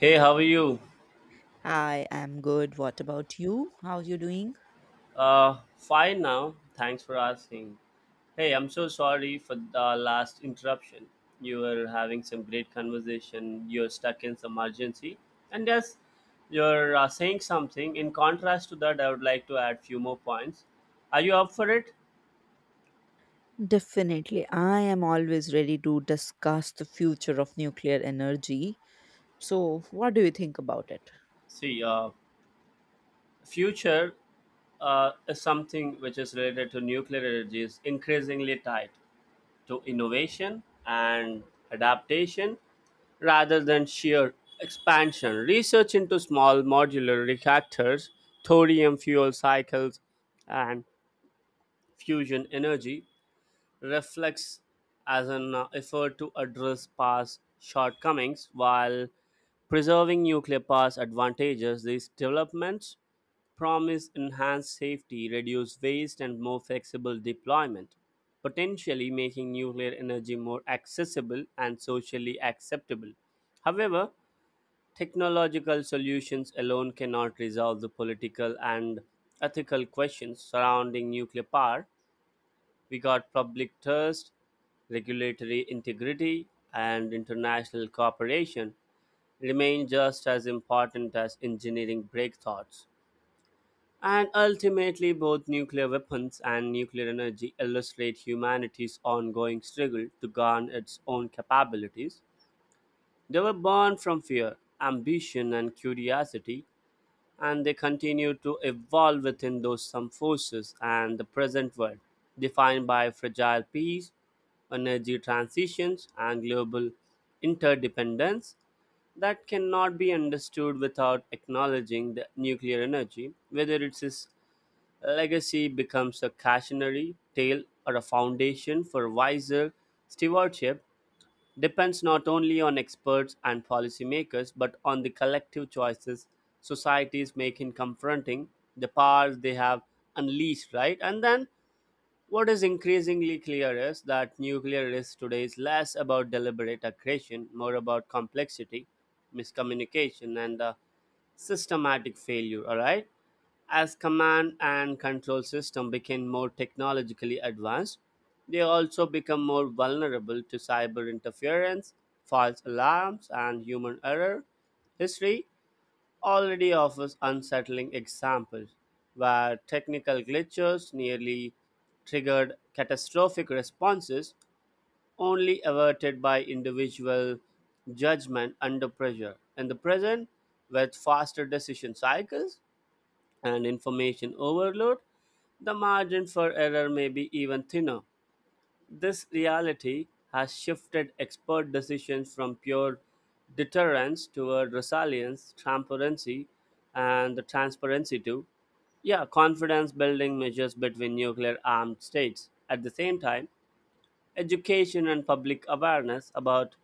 Hey, how are you? I am good. What about you? How you doing? Fine now. Thanks for asking. Hey, I'm so sorry for the last interruption. You were having some great conversation. You're stuck in some emergency, and yes, you're saying something. In contrast to that, I would like to add few more points. Are you up for it? Definitely. I am always ready to discuss the future of nuclear energy. So, what do you think about it? See, future is something which is related to nuclear energy is increasingly tied to innovation and adaptation rather than sheer expansion. Research into small modular reactors, thorium fuel cycles, and fusion energy reflects as an effort to address past shortcomings while preserving nuclear past advantages. These developments promise enhanced safety, reduced waste, and more flexible deployment, potentially making nuclear energy more accessible and socially acceptable. However, technological solutions alone cannot resolve the political and ethical questions surrounding nuclear power. We got public trust, regulatory integrity, and international cooperation remain just as important as engineering breakthroughs. And ultimately, both nuclear weapons and nuclear energy illustrate humanity's ongoing struggle to garner its own capabilities. They were born from fear, ambition, and curiosity, and they continue to evolve within those some forces and the present world, defined by fragile peace, energy transitions, and global interdependence that cannot be understood without acknowledging the nuclear energy, legacy becomes a cautionary tale or a foundation for wiser stewardship depends not only on experts and policymakers but on the collective choices societies make in confronting the powers they have unleashed, right? And then what is increasingly clear is that nuclear risk today is less about deliberate aggression, more about complexity, miscommunication, and systematic failure, all right? As command and control systems became more technologically advanced, they also become more vulnerable to cyber interference, false alarms, and human error. History already offers unsettling examples where technical glitches nearly triggered catastrophic responses only averted by individual judgment under pressure. In the present, with faster decision cycles, and information overload, the margin for error may be even thinner. This reality has shifted expert decisions from pure deterrence toward resilience, transparency, and the transparency to, yeah, confidence building measures between nuclear armed states. At the same time, education and public awareness about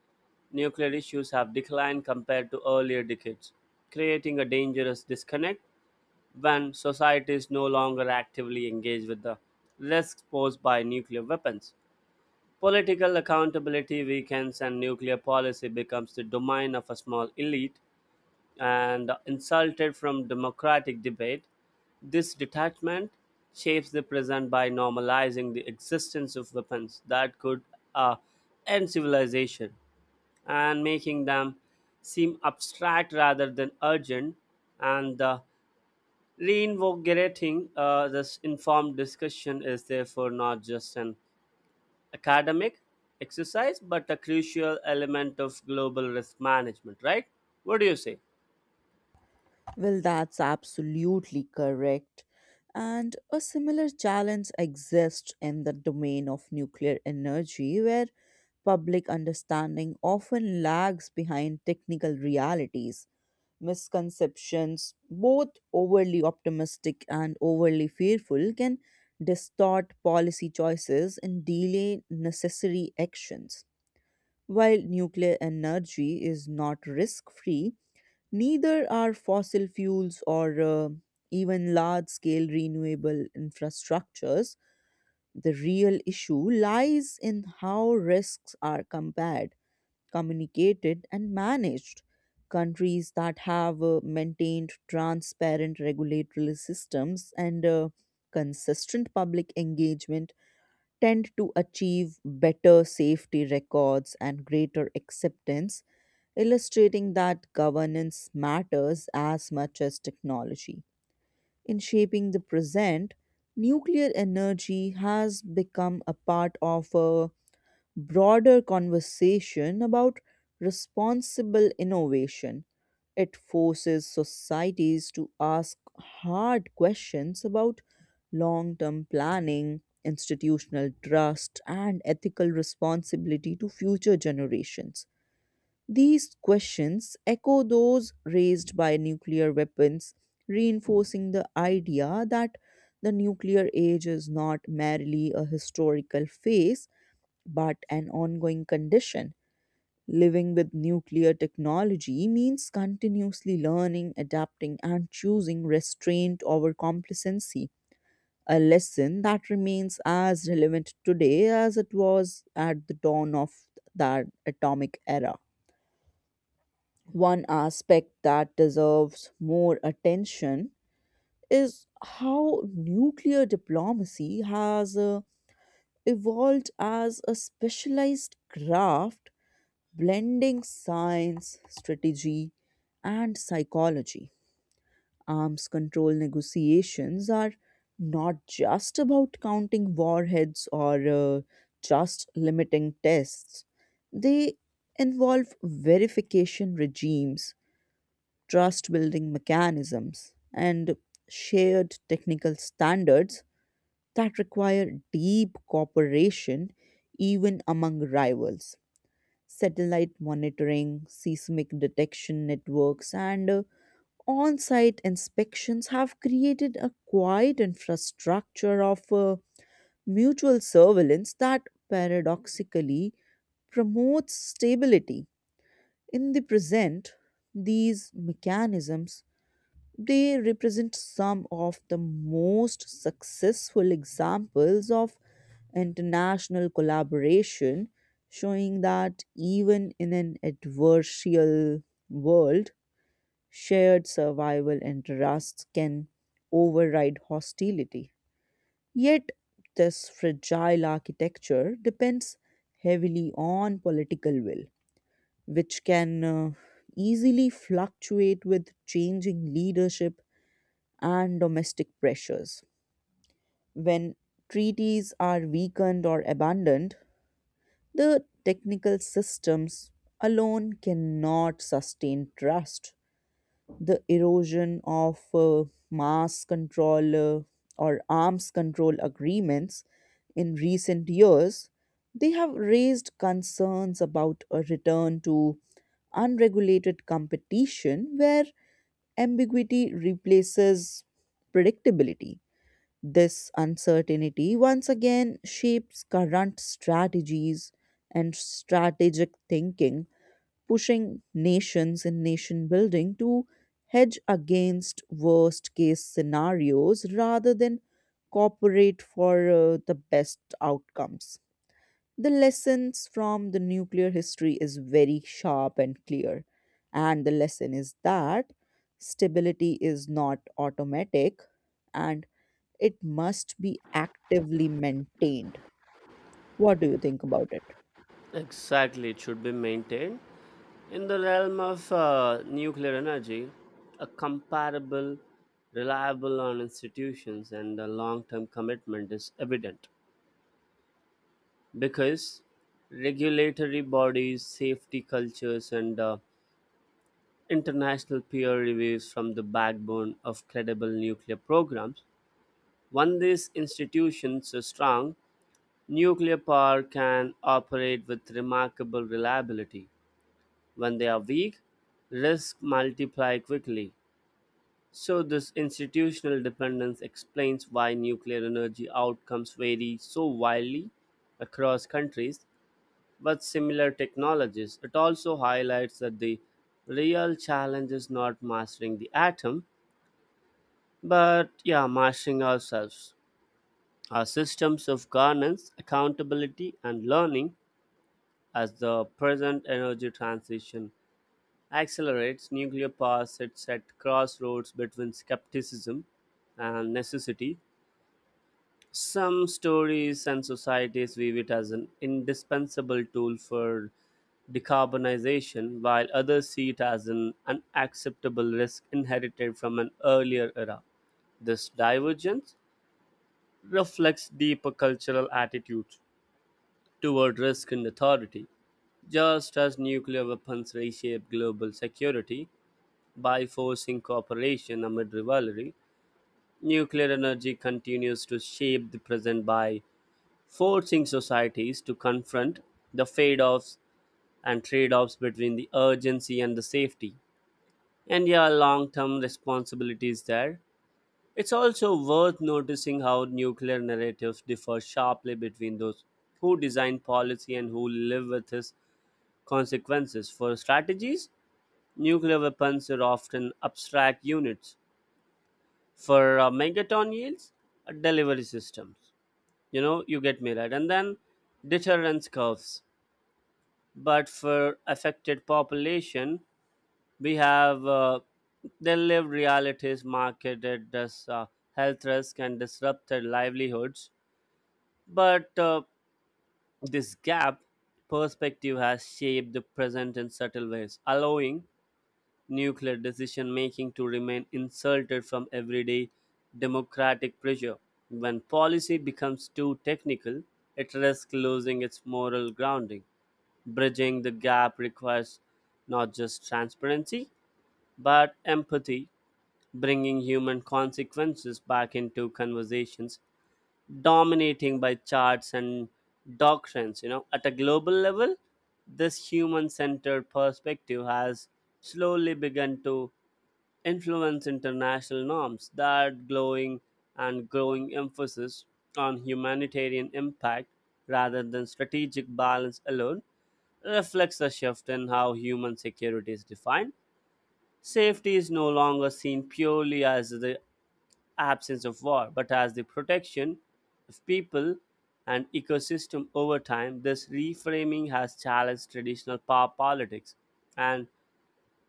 nuclear issues have declined compared to earlier decades, creating a dangerous disconnect when societies no longer actively engage with the risks posed by nuclear weapons. Political accountability weakens and nuclear policy becomes the domain of a small elite and insulted from democratic debate. This detachment shapes the present by normalizing the existence of weapons that could uh, end civilization and making them seem abstract rather than urgent. And the reinvigorating this informed discussion is therefore not just an academic exercise, but a crucial element of global risk management, right? What do you say? Well, that's absolutely correct. And a similar challenge exists in the domain of nuclear energy, where public understanding often lags behind technical realities. Misconceptions, both overly optimistic and overly fearful, can distort policy choices and delay necessary actions. While nuclear energy is not risk free, neither are fossil fuels or even large scale renewable infrastructures. The real issue lies in how risks are compared, communicated, and managed. Countries that have maintained transparent regulatory systems and consistent public engagement tend to achieve better safety records and greater acceptance, illustrating that governance matters as much as technology. In shaping the present, nuclear energy has become a part of a broader conversation about responsible innovation. It forces societies to ask hard questions about long term planning, institutional trust, and ethical responsibility to future generations. These questions echo those raised by nuclear weapons, reinforcing the idea that the nuclear age is not merely a historical phase but an ongoing condition. Living with nuclear technology means continuously learning, adapting, and choosing restraint over complacency, a lesson that remains as relevant today as it was at the dawn of that atomic era. One aspect that deserves more attention is how nuclear diplomacy has evolved as a specialized craft, blending science, strategy, and psychology. Arms control negotiations are not just about counting warheads or just limiting tests. They involve verification regimes, trust building mechanisms, and shared technical standards that require deep cooperation even among rivals. Satellite monitoring, seismic detection networks, and on site inspections have created a quiet infrastructure of mutual surveillance that paradoxically promotes stability. In the present, these mechanisms, they represent some of the most successful examples of international collaboration, showing that even in an adversarial world, shared survival interests can override hostility. Yet, this fragile architecture depends heavily on political will, which can easily fluctuate with changing leadership and domestic pressures. When treaties are weakened or abandoned, the technical systems alone cannot sustain trust. The erosion of mass control or arms control agreements in recent years, they have raised concerns about a return to unregulated competition where ambiguity replaces predictability. This uncertainty once again shapes current strategies and strategic thinking, pushing nations and nation building to hedge against worst case scenarios rather than cooperate for the best outcomes. The lessons from the nuclear history is very sharp and clear. And the lesson is that stability is not automatic and it must be actively maintained. What do you think about it? Exactly, it should be maintained. In the realm of nuclear energy, a comparable, reliable on institutions and a long term commitment is evident because regulatory bodies, safety cultures, and international peer reviews from the backbone of credible nuclear programs. When these institutions are strong, nuclear power can operate with remarkable reliability. When they are weak, risks multiply quickly. So, this institutional dependence explains why nuclear energy outcomes vary so widely across countries with similar technologies. It also highlights that the real challenge is not mastering the atom, but yeah, mastering ourselves, our systems of governance, accountability, and learning. As the present energy transition accelerates, nuclear power sits at crossroads between skepticism and necessity. Some stories and societies view it as an indispensable tool for decarbonization, while others see it as an unacceptable risk inherited from an earlier era. This divergence reflects deeper cultural attitudes toward risk and authority. Just as nuclear weapons reshape global security by forcing cooperation amid rivalry, nuclear energy continues to shape the present by forcing societies to confront the fade offs and trade offs between the urgency and the safety. And yeah, long term responsibilities there. It's also worth noticing how nuclear narratives differ sharply between those who design policy and who live with its consequences. For strategies, nuclear weapons are often abstract units. For megaton yields, delivery systems. You know, you get me right. And then deterrence curves. But for affected population, we have their lived realities marketed as health risk and disrupted livelihoods. But this gap perspective has shaped the present in subtle ways, allowing nuclear decision making to remain insulted from everyday democratic pressure. When policy becomes too technical, it risks losing its moral grounding. Bridging the gap requires not just transparency, but empathy, bringing human consequences back into conversations dominating by charts and doctrines, you know. At a global level, this human centered perspective has slowly begun to influence international norms that glowing and growing emphasis on humanitarian impact rather than strategic balance alone reflects a shift in how human security is defined. Safety is no longer seen purely as the absence of war, but as the protection of people and ecosystem over time. This reframing has challenged traditional power politics and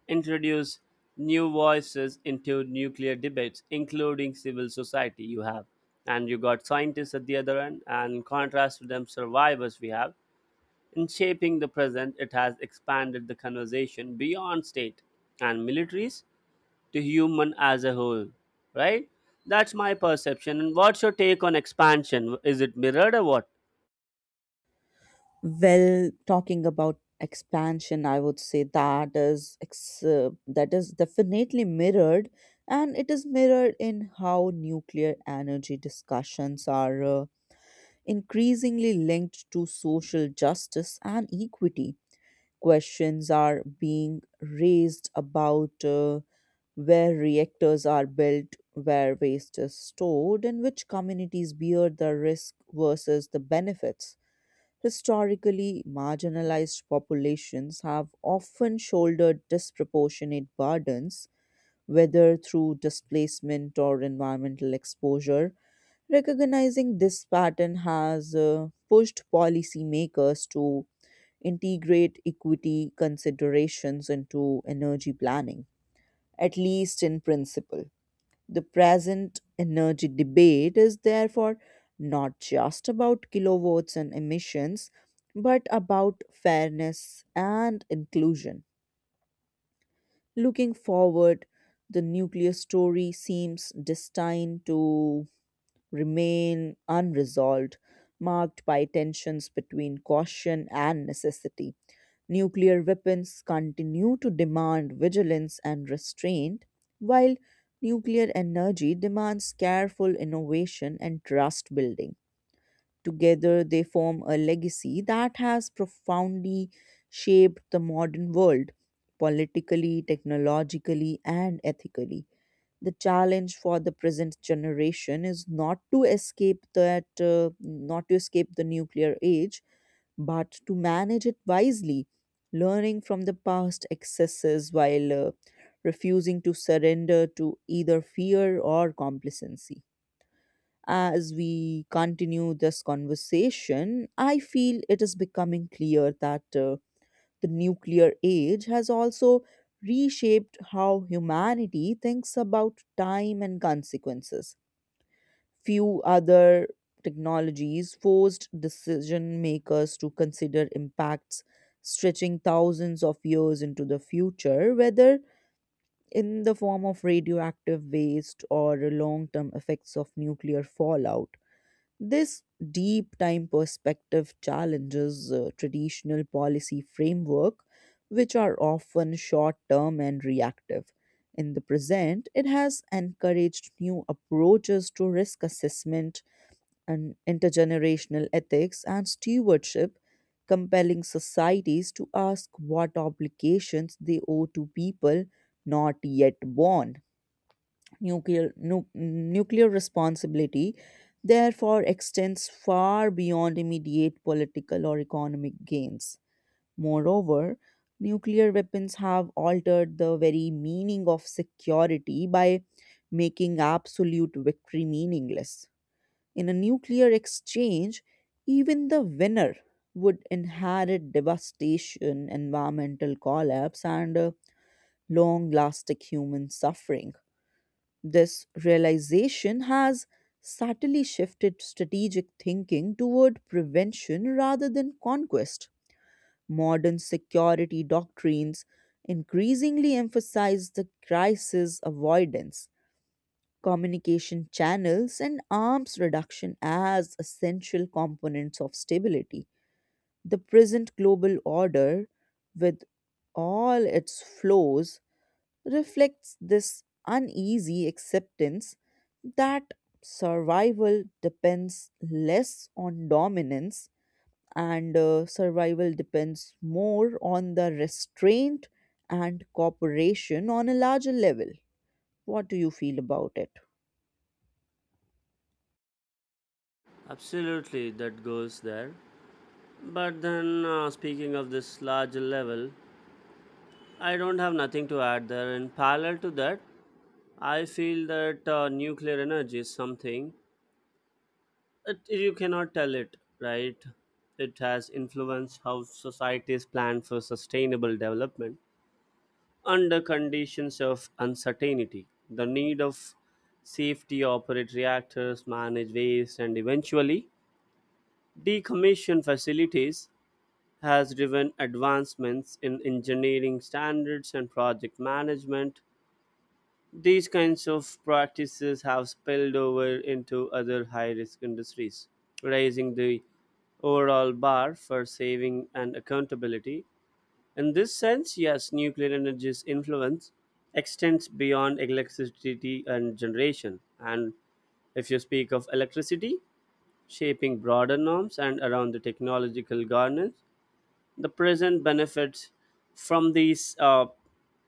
introduced new voices into nuclear debates, including civil society. You have and you got scientists at the other end, and in contrast to them, survivors we have. In shaping the present, it has expanded the conversation beyond state and militaries to human as a whole, right? That's my perception. And what's your take on expansion, is it mirrored or what? Well, talking about expansion, I would say that that is definitely mirrored, and it is mirrored in how nuclear energy discussions are increasingly linked to social justice and equity. Questions are being raised about where reactors are built, where waste is stored, and which communities bear the risk versus the benefits. Historically, marginalized populations have often shouldered disproportionate burdens, whether through displacement or environmental exposure. Recognizing this pattern has pushed policymakers to integrate equity considerations into energy planning, at least in principle. The present energy debate is therefore not just about kilowatts and emissions, but about fairness and inclusion. Looking forward, the nuclear story seems destined to remain unresolved, marked by tensions between caution and necessity. Nuclear weapons continue to demand vigilance and restraint, while nuclear energy demands careful innovation and trust building. Together, they form a legacy that has profoundly shaped the modern world, politically, technologically, and ethically. The challenge for the present generation is not to escape the nuclear age but to manage it wisely, learning from the past excesses while refusing to surrender to either fear or complacency. As we continue this conversation, I feel it is becoming clear that the nuclear age has also reshaped how humanity thinks about time and consequences. Few other technologies forced decision makers to consider impacts stretching thousands of years into the future, whether in the form of radioactive waste or long term effects of nuclear fallout. This deep time perspective challenges traditional policy framework, which are often short term and reactive. In the present, it has encouraged new approaches to risk assessment and intergenerational ethics and stewardship, compelling societies to ask what obligations they owe to people not yet born. Nuclear responsibility, therefore, extends far beyond immediate political or economic gains. Moreover, nuclear weapons have altered the very meaning of security by making absolute victory meaningless. In a nuclear exchange, even the winner would inherit devastation, environmental collapse, and long lasting human suffering. This realization has subtly shifted strategic thinking toward prevention rather than conquest. Modern security doctrines increasingly emphasize the crisis avoidance, communication channels, and arms reduction as essential components of stability. The present global order, with all its flaws, reflects this uneasy acceptance that survival depends less on dominance and, survival depends more on the restraint and cooperation on a larger level. What do you feel about it? Absolutely, that goes there. But then speaking of this larger level, I don't have nothing to add there. In parallel to that, I feel that nuclear energy is something, it, you cannot tell it, right? It has influenced how societies plan for sustainable development. Under conditions of uncertainty, the need of safety operate reactors, manage waste, and eventually decommission facilities has driven advancements in engineering standards and project management. These kinds of practices have spilled over into other high risk industries, raising the overall bar for saving and accountability. In this sense, yes, nuclear energy's influence extends beyond electricity and generation. And if you speak of electricity, shaping broader norms and around the technological governance, the present benefits from these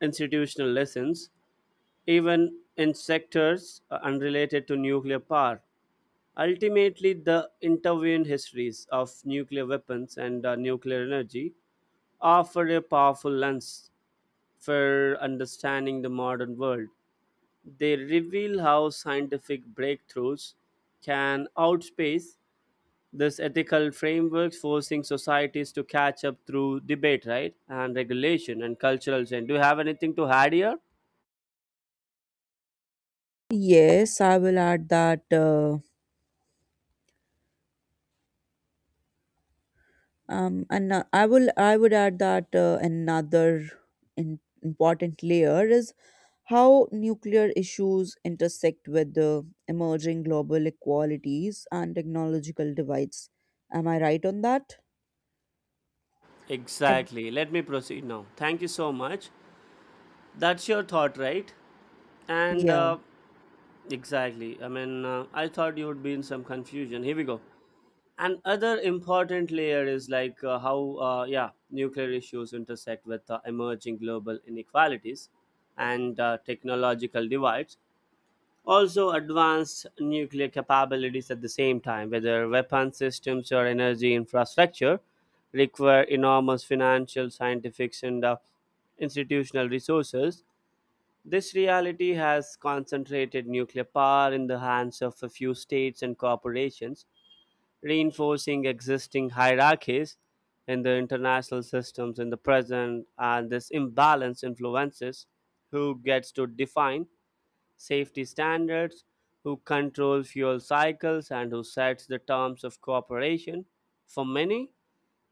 institutional lessons even in sectors unrelated to nuclear power. Ultimately, the intervening histories of nuclear weapons and nuclear energy offer a powerful lens for understanding the modern world. They reveal how scientific breakthroughs can outspace this ethical framework, forcing societies to catch up through debate, right? And regulation and cultural change. Do you have anything to add here? Yes, I will add that. And I will I would add that another important layer is how nuclear issues intersect with the emerging global inequalities and technological divides. Am I right on that? Ad- Exactly. Let me proceed now. Thank you so much. That's your thought, right? And yeah. Exactly. I mean, I thought you would be in some confusion. Here we go. And other important layer is like how, yeah, nuclear issues intersect with emerging global inequalities and technological divides. Also advanced nuclear capabilities at the same time, whether weapon systems or energy infrastructure, require enormous financial, scientific, and institutional resources. This reality has concentrated nuclear power in the hands of a few states and corporations, reinforcing existing hierarchies in the international systems in the present, and this imbalance influences who gets to define safety standards, who control fuel cycles, and who sets the terms of cooperation. For many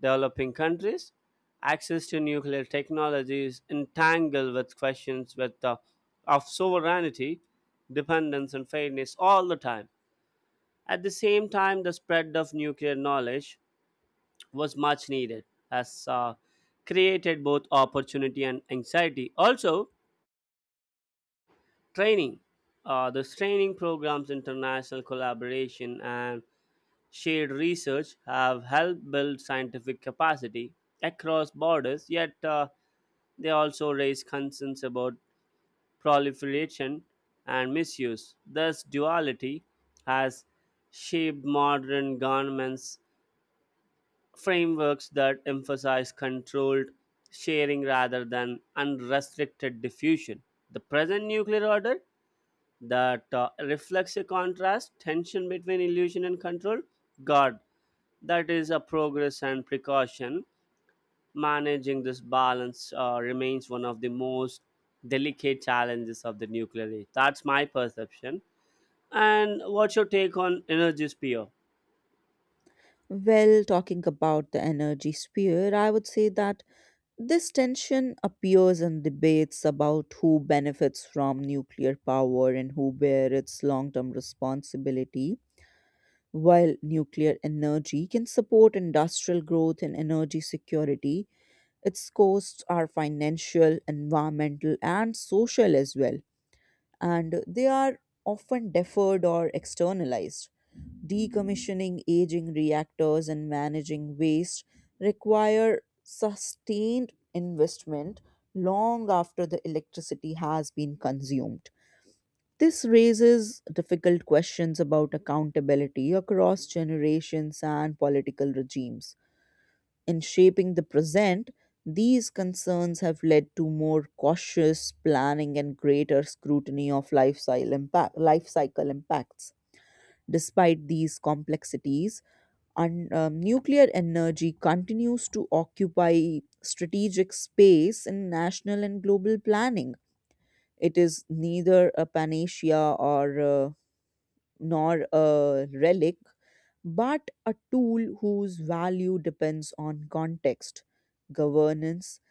developing countries, access to nuclear technology is entangled with questions with, the of sovereignty, dependence, and fairness all the time. At the same time, the spread of nuclear knowledge was much needed, as created both opportunity and anxiety. Also, training. This training programs, international collaboration, and shared research have helped build scientific capacity across borders, yet, they also raise concerns about proliferation and misuse. This duality has shaped modern governments' frameworks that emphasize controlled sharing rather than unrestricted diffusion. The present nuclear order that reflects a contrast tension between illusion and control, god, that is a progress and precaution. Managing this balance remains one of the most delicate challenges of the nuclear age. That's my perception. And what's your take on energy sphere? Well, talking about the energy sphere, I would say that this tension appears in debates about who benefits from nuclear power and who bear its long-term responsibility. While nuclear energy can support industrial growth and energy security, its costs are financial, environmental, and social as well, and they are often deferred or externalized. Decommissioning aging reactors and managing waste require sustained investment long after the electricity has been consumed. This raises difficult questions about accountability across generations and political regimes. In shaping the present, these concerns have led to more cautious planning and greater scrutiny of life cycle impacts. Despite these complexities, nuclear energy continues to occupy strategic space in national and global planning. It is neither a panacea or a nor a relic, but a tool whose value depends on context, governance,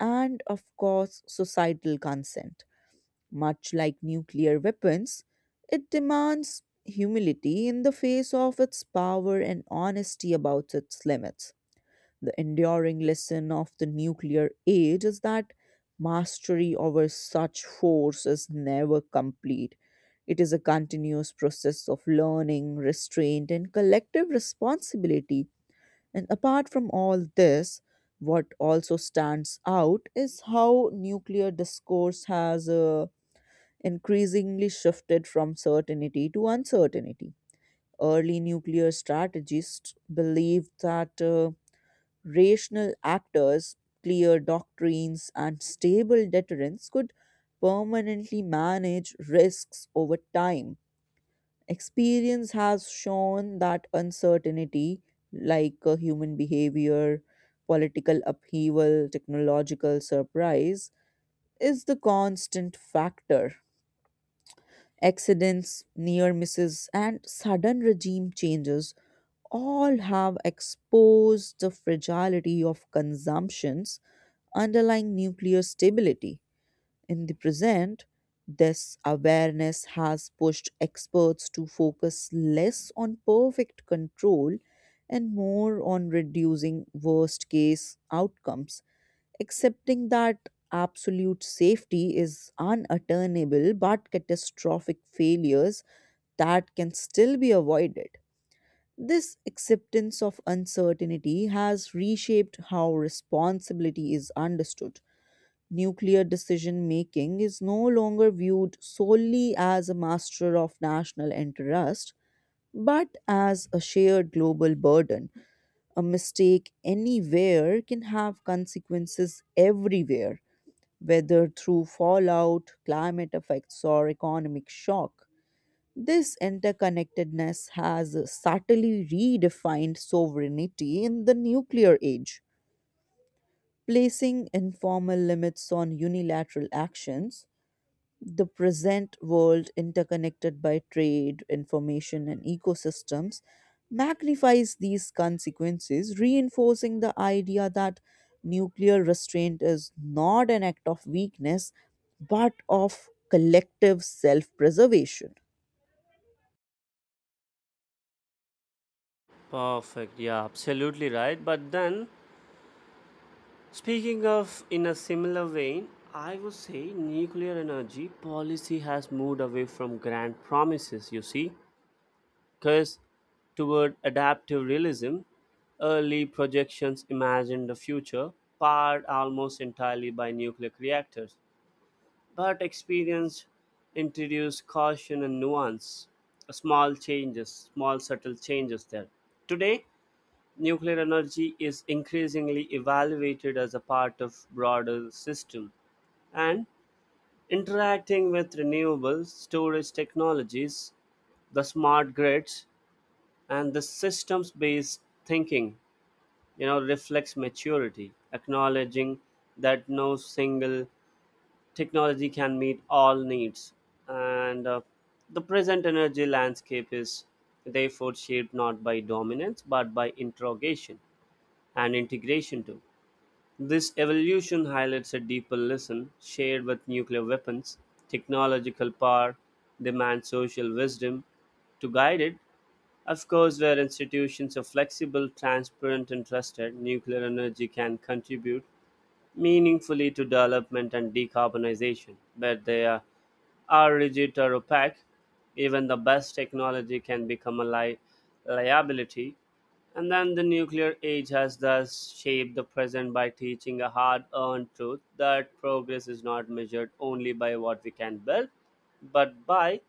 and of course, societal consent. Much like nuclear weapons, it demands humility in the face of its power and honesty about its limits. The enduring lesson of the nuclear age is that mastery over such force is never complete. It is a continuous process of learning, restraint, and collective responsibility. And apart from all this, what also stands out is how nuclear discourse has increasingly shifted from certainty to uncertainty. Early nuclear strategists believed that rational actors, clear doctrines, and stable deterrence could permanently manage risks over time. Experience has shown that uncertainty, like human behavior, political upheaval, technological surprise, is the constant factor. Accidents, near misses, and sudden regime changes all have exposed the fragility of consumption's underlying nuclear stability. In the present, this awareness has pushed experts to focus less on perfect control and more on reducing worst case outcomes, accepting that absolute safety is unattainable but catastrophic failures that can still be avoided. This acceptance of uncertainty has reshaped how responsibility is understood. Nuclear decision making is no longer viewed solely as a master of national interest, but as a shared global burden. A mistake anywhere can have consequences everywhere, whether through fallout, climate effects, or economic shock. This interconnectedness has subtly redefined sovereignty in the nuclear age, placing informal limits on unilateral actions. The present world, interconnected by trade, information, and ecosystems, magnifies these consequences, reinforcing the idea that nuclear restraint is not an act of weakness but of collective self preservation. Perfect. Yeah, absolutely right. But then, speaking of in a similar vein, I would say nuclear energy policy has moved away from grand promises, you see, because toward adaptive realism, early projections imagined a future powered almost entirely by nuclear reactors. But experience introduced caution and nuance, small changes, small subtle changes there. Today, nuclear energy is increasingly evaluated as a part of broader system and interacting with renewables, storage technologies, the smart grids and the systems based thinking, you know, reflects maturity acknowledging that no single technology can meet all needs. And The present energy landscape is therefore shaped not by dominance but by interrogation and integration too. This evolution highlights a deeper lesson shared with nuclear weapons. Technological power demands social wisdom to guide it. Of course, where institutions are flexible, transparent and trusted, nuclear energy can contribute meaningfully to development and decarbonization. Where they are rigid or opaque, even the best technology can become a liability. And then the nuclear age has thus shaped the present by teaching a hard earned truth that progress is not measured only by what we can build, but by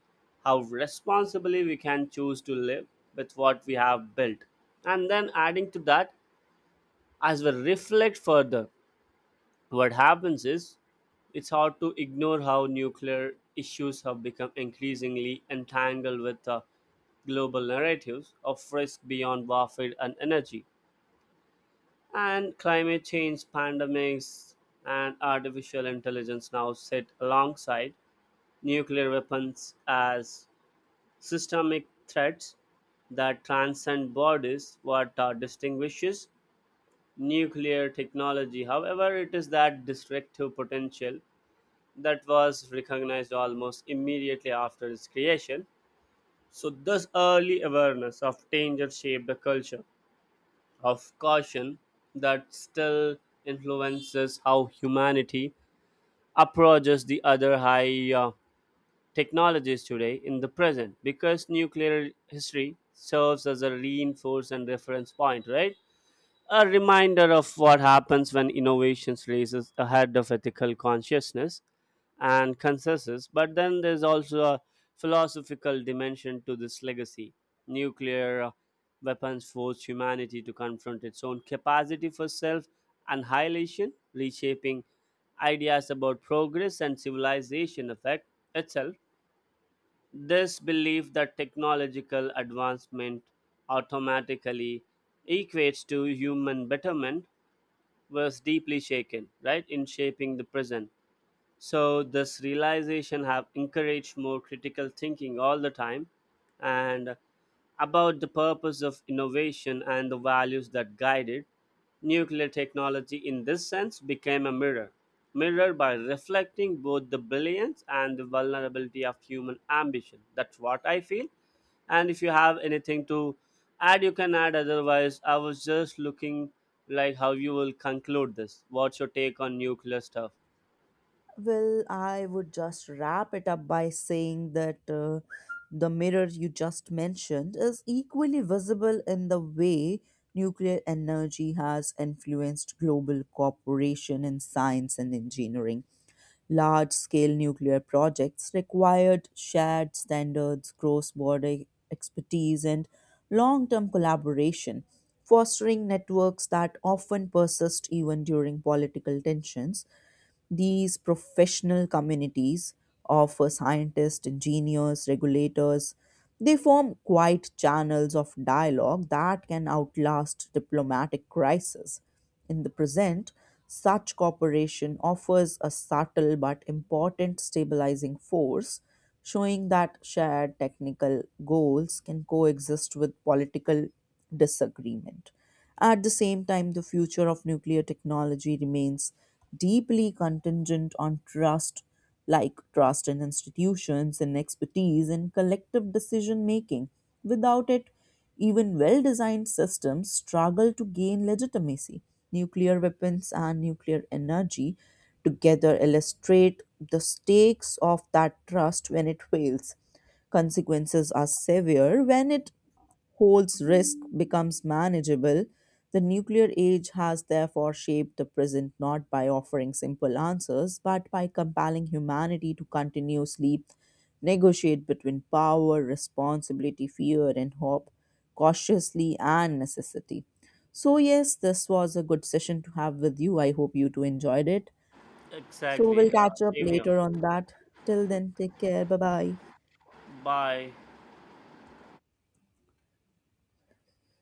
how responsibly we can choose to live with what we have built. And then adding to that, as we reflect further, what happens is it's hard to ignore how nuclear issues have become increasingly entangled with global narratives of risk beyond warfare and energy. And climate change, pandemics, and artificial intelligence now sit alongside nuclear weapons as systemic threats that transcend borders. What distinguishes nuclear technology, however, it is that destructive potential that was recognized almost immediately after its creation. So, this early awareness of danger shaped a culture of caution that still influences how humanity approaches the other high technologies today in the present because nuclear history serves as a reinforced and reference point, right? A reminder of what happens when innovations races ahead of ethical consciousness and consensus. But then there's also a philosophical dimension to this legacy. Nuclear weapons forced humanity to confront its own capacity for self annihilation, reshaping ideas about progress and civilization effect itself. This belief that technological advancement automatically equates to human betterment was deeply shaken, right, in shaping the present. So this realization have encouraged more critical thinking all the time, and about the purpose of innovation and the values that guide it, nuclear technology in this sense became a mirror. Mirror by reflecting both the brilliance and the vulnerability of human ambition. That's what I feel. And if you have anything to add, you can add. Otherwise, I was just looking like how you will conclude this. What's your take on nuclear stuff? Well, I would just wrap it up by saying that the mirror you just mentioned is equally visible in the way nuclear energy has influenced global cooperation in science and engineering. Large scale nuclear projects required shared standards, cross border expertise, and long term collaboration, fostering networks that often persist even during political tensions. These professional communities of scientists, engineers, regulators, they form quiet channels of dialogue that can outlast diplomatic crisis. In the present, such cooperation offers a subtle but important stabilizing force, showing that shared technical goals can coexist with political disagreement. At the same time, the future of nuclear technology remains deeply contingent on trust, like trust in institutions and expertise in collective decision making. Without it, even well designed systems struggle to gain legitimacy. Nuclear weapons and nuclear energy together illustrate the stakes of that trust. When it fails, consequences are severe. When it holds, risk becomes manageable. The nuclear age has therefore shaped the present not by offering simple answers, but by compelling humanity to continuously negotiate between power, responsibility, fear, and hope, cautiously and necessity. So, yes, this was a good session to have with you. I hope you too enjoyed it. So, Exactly. we'll catch up Same here. later on that. Till then, take care. Bye bye. Bye.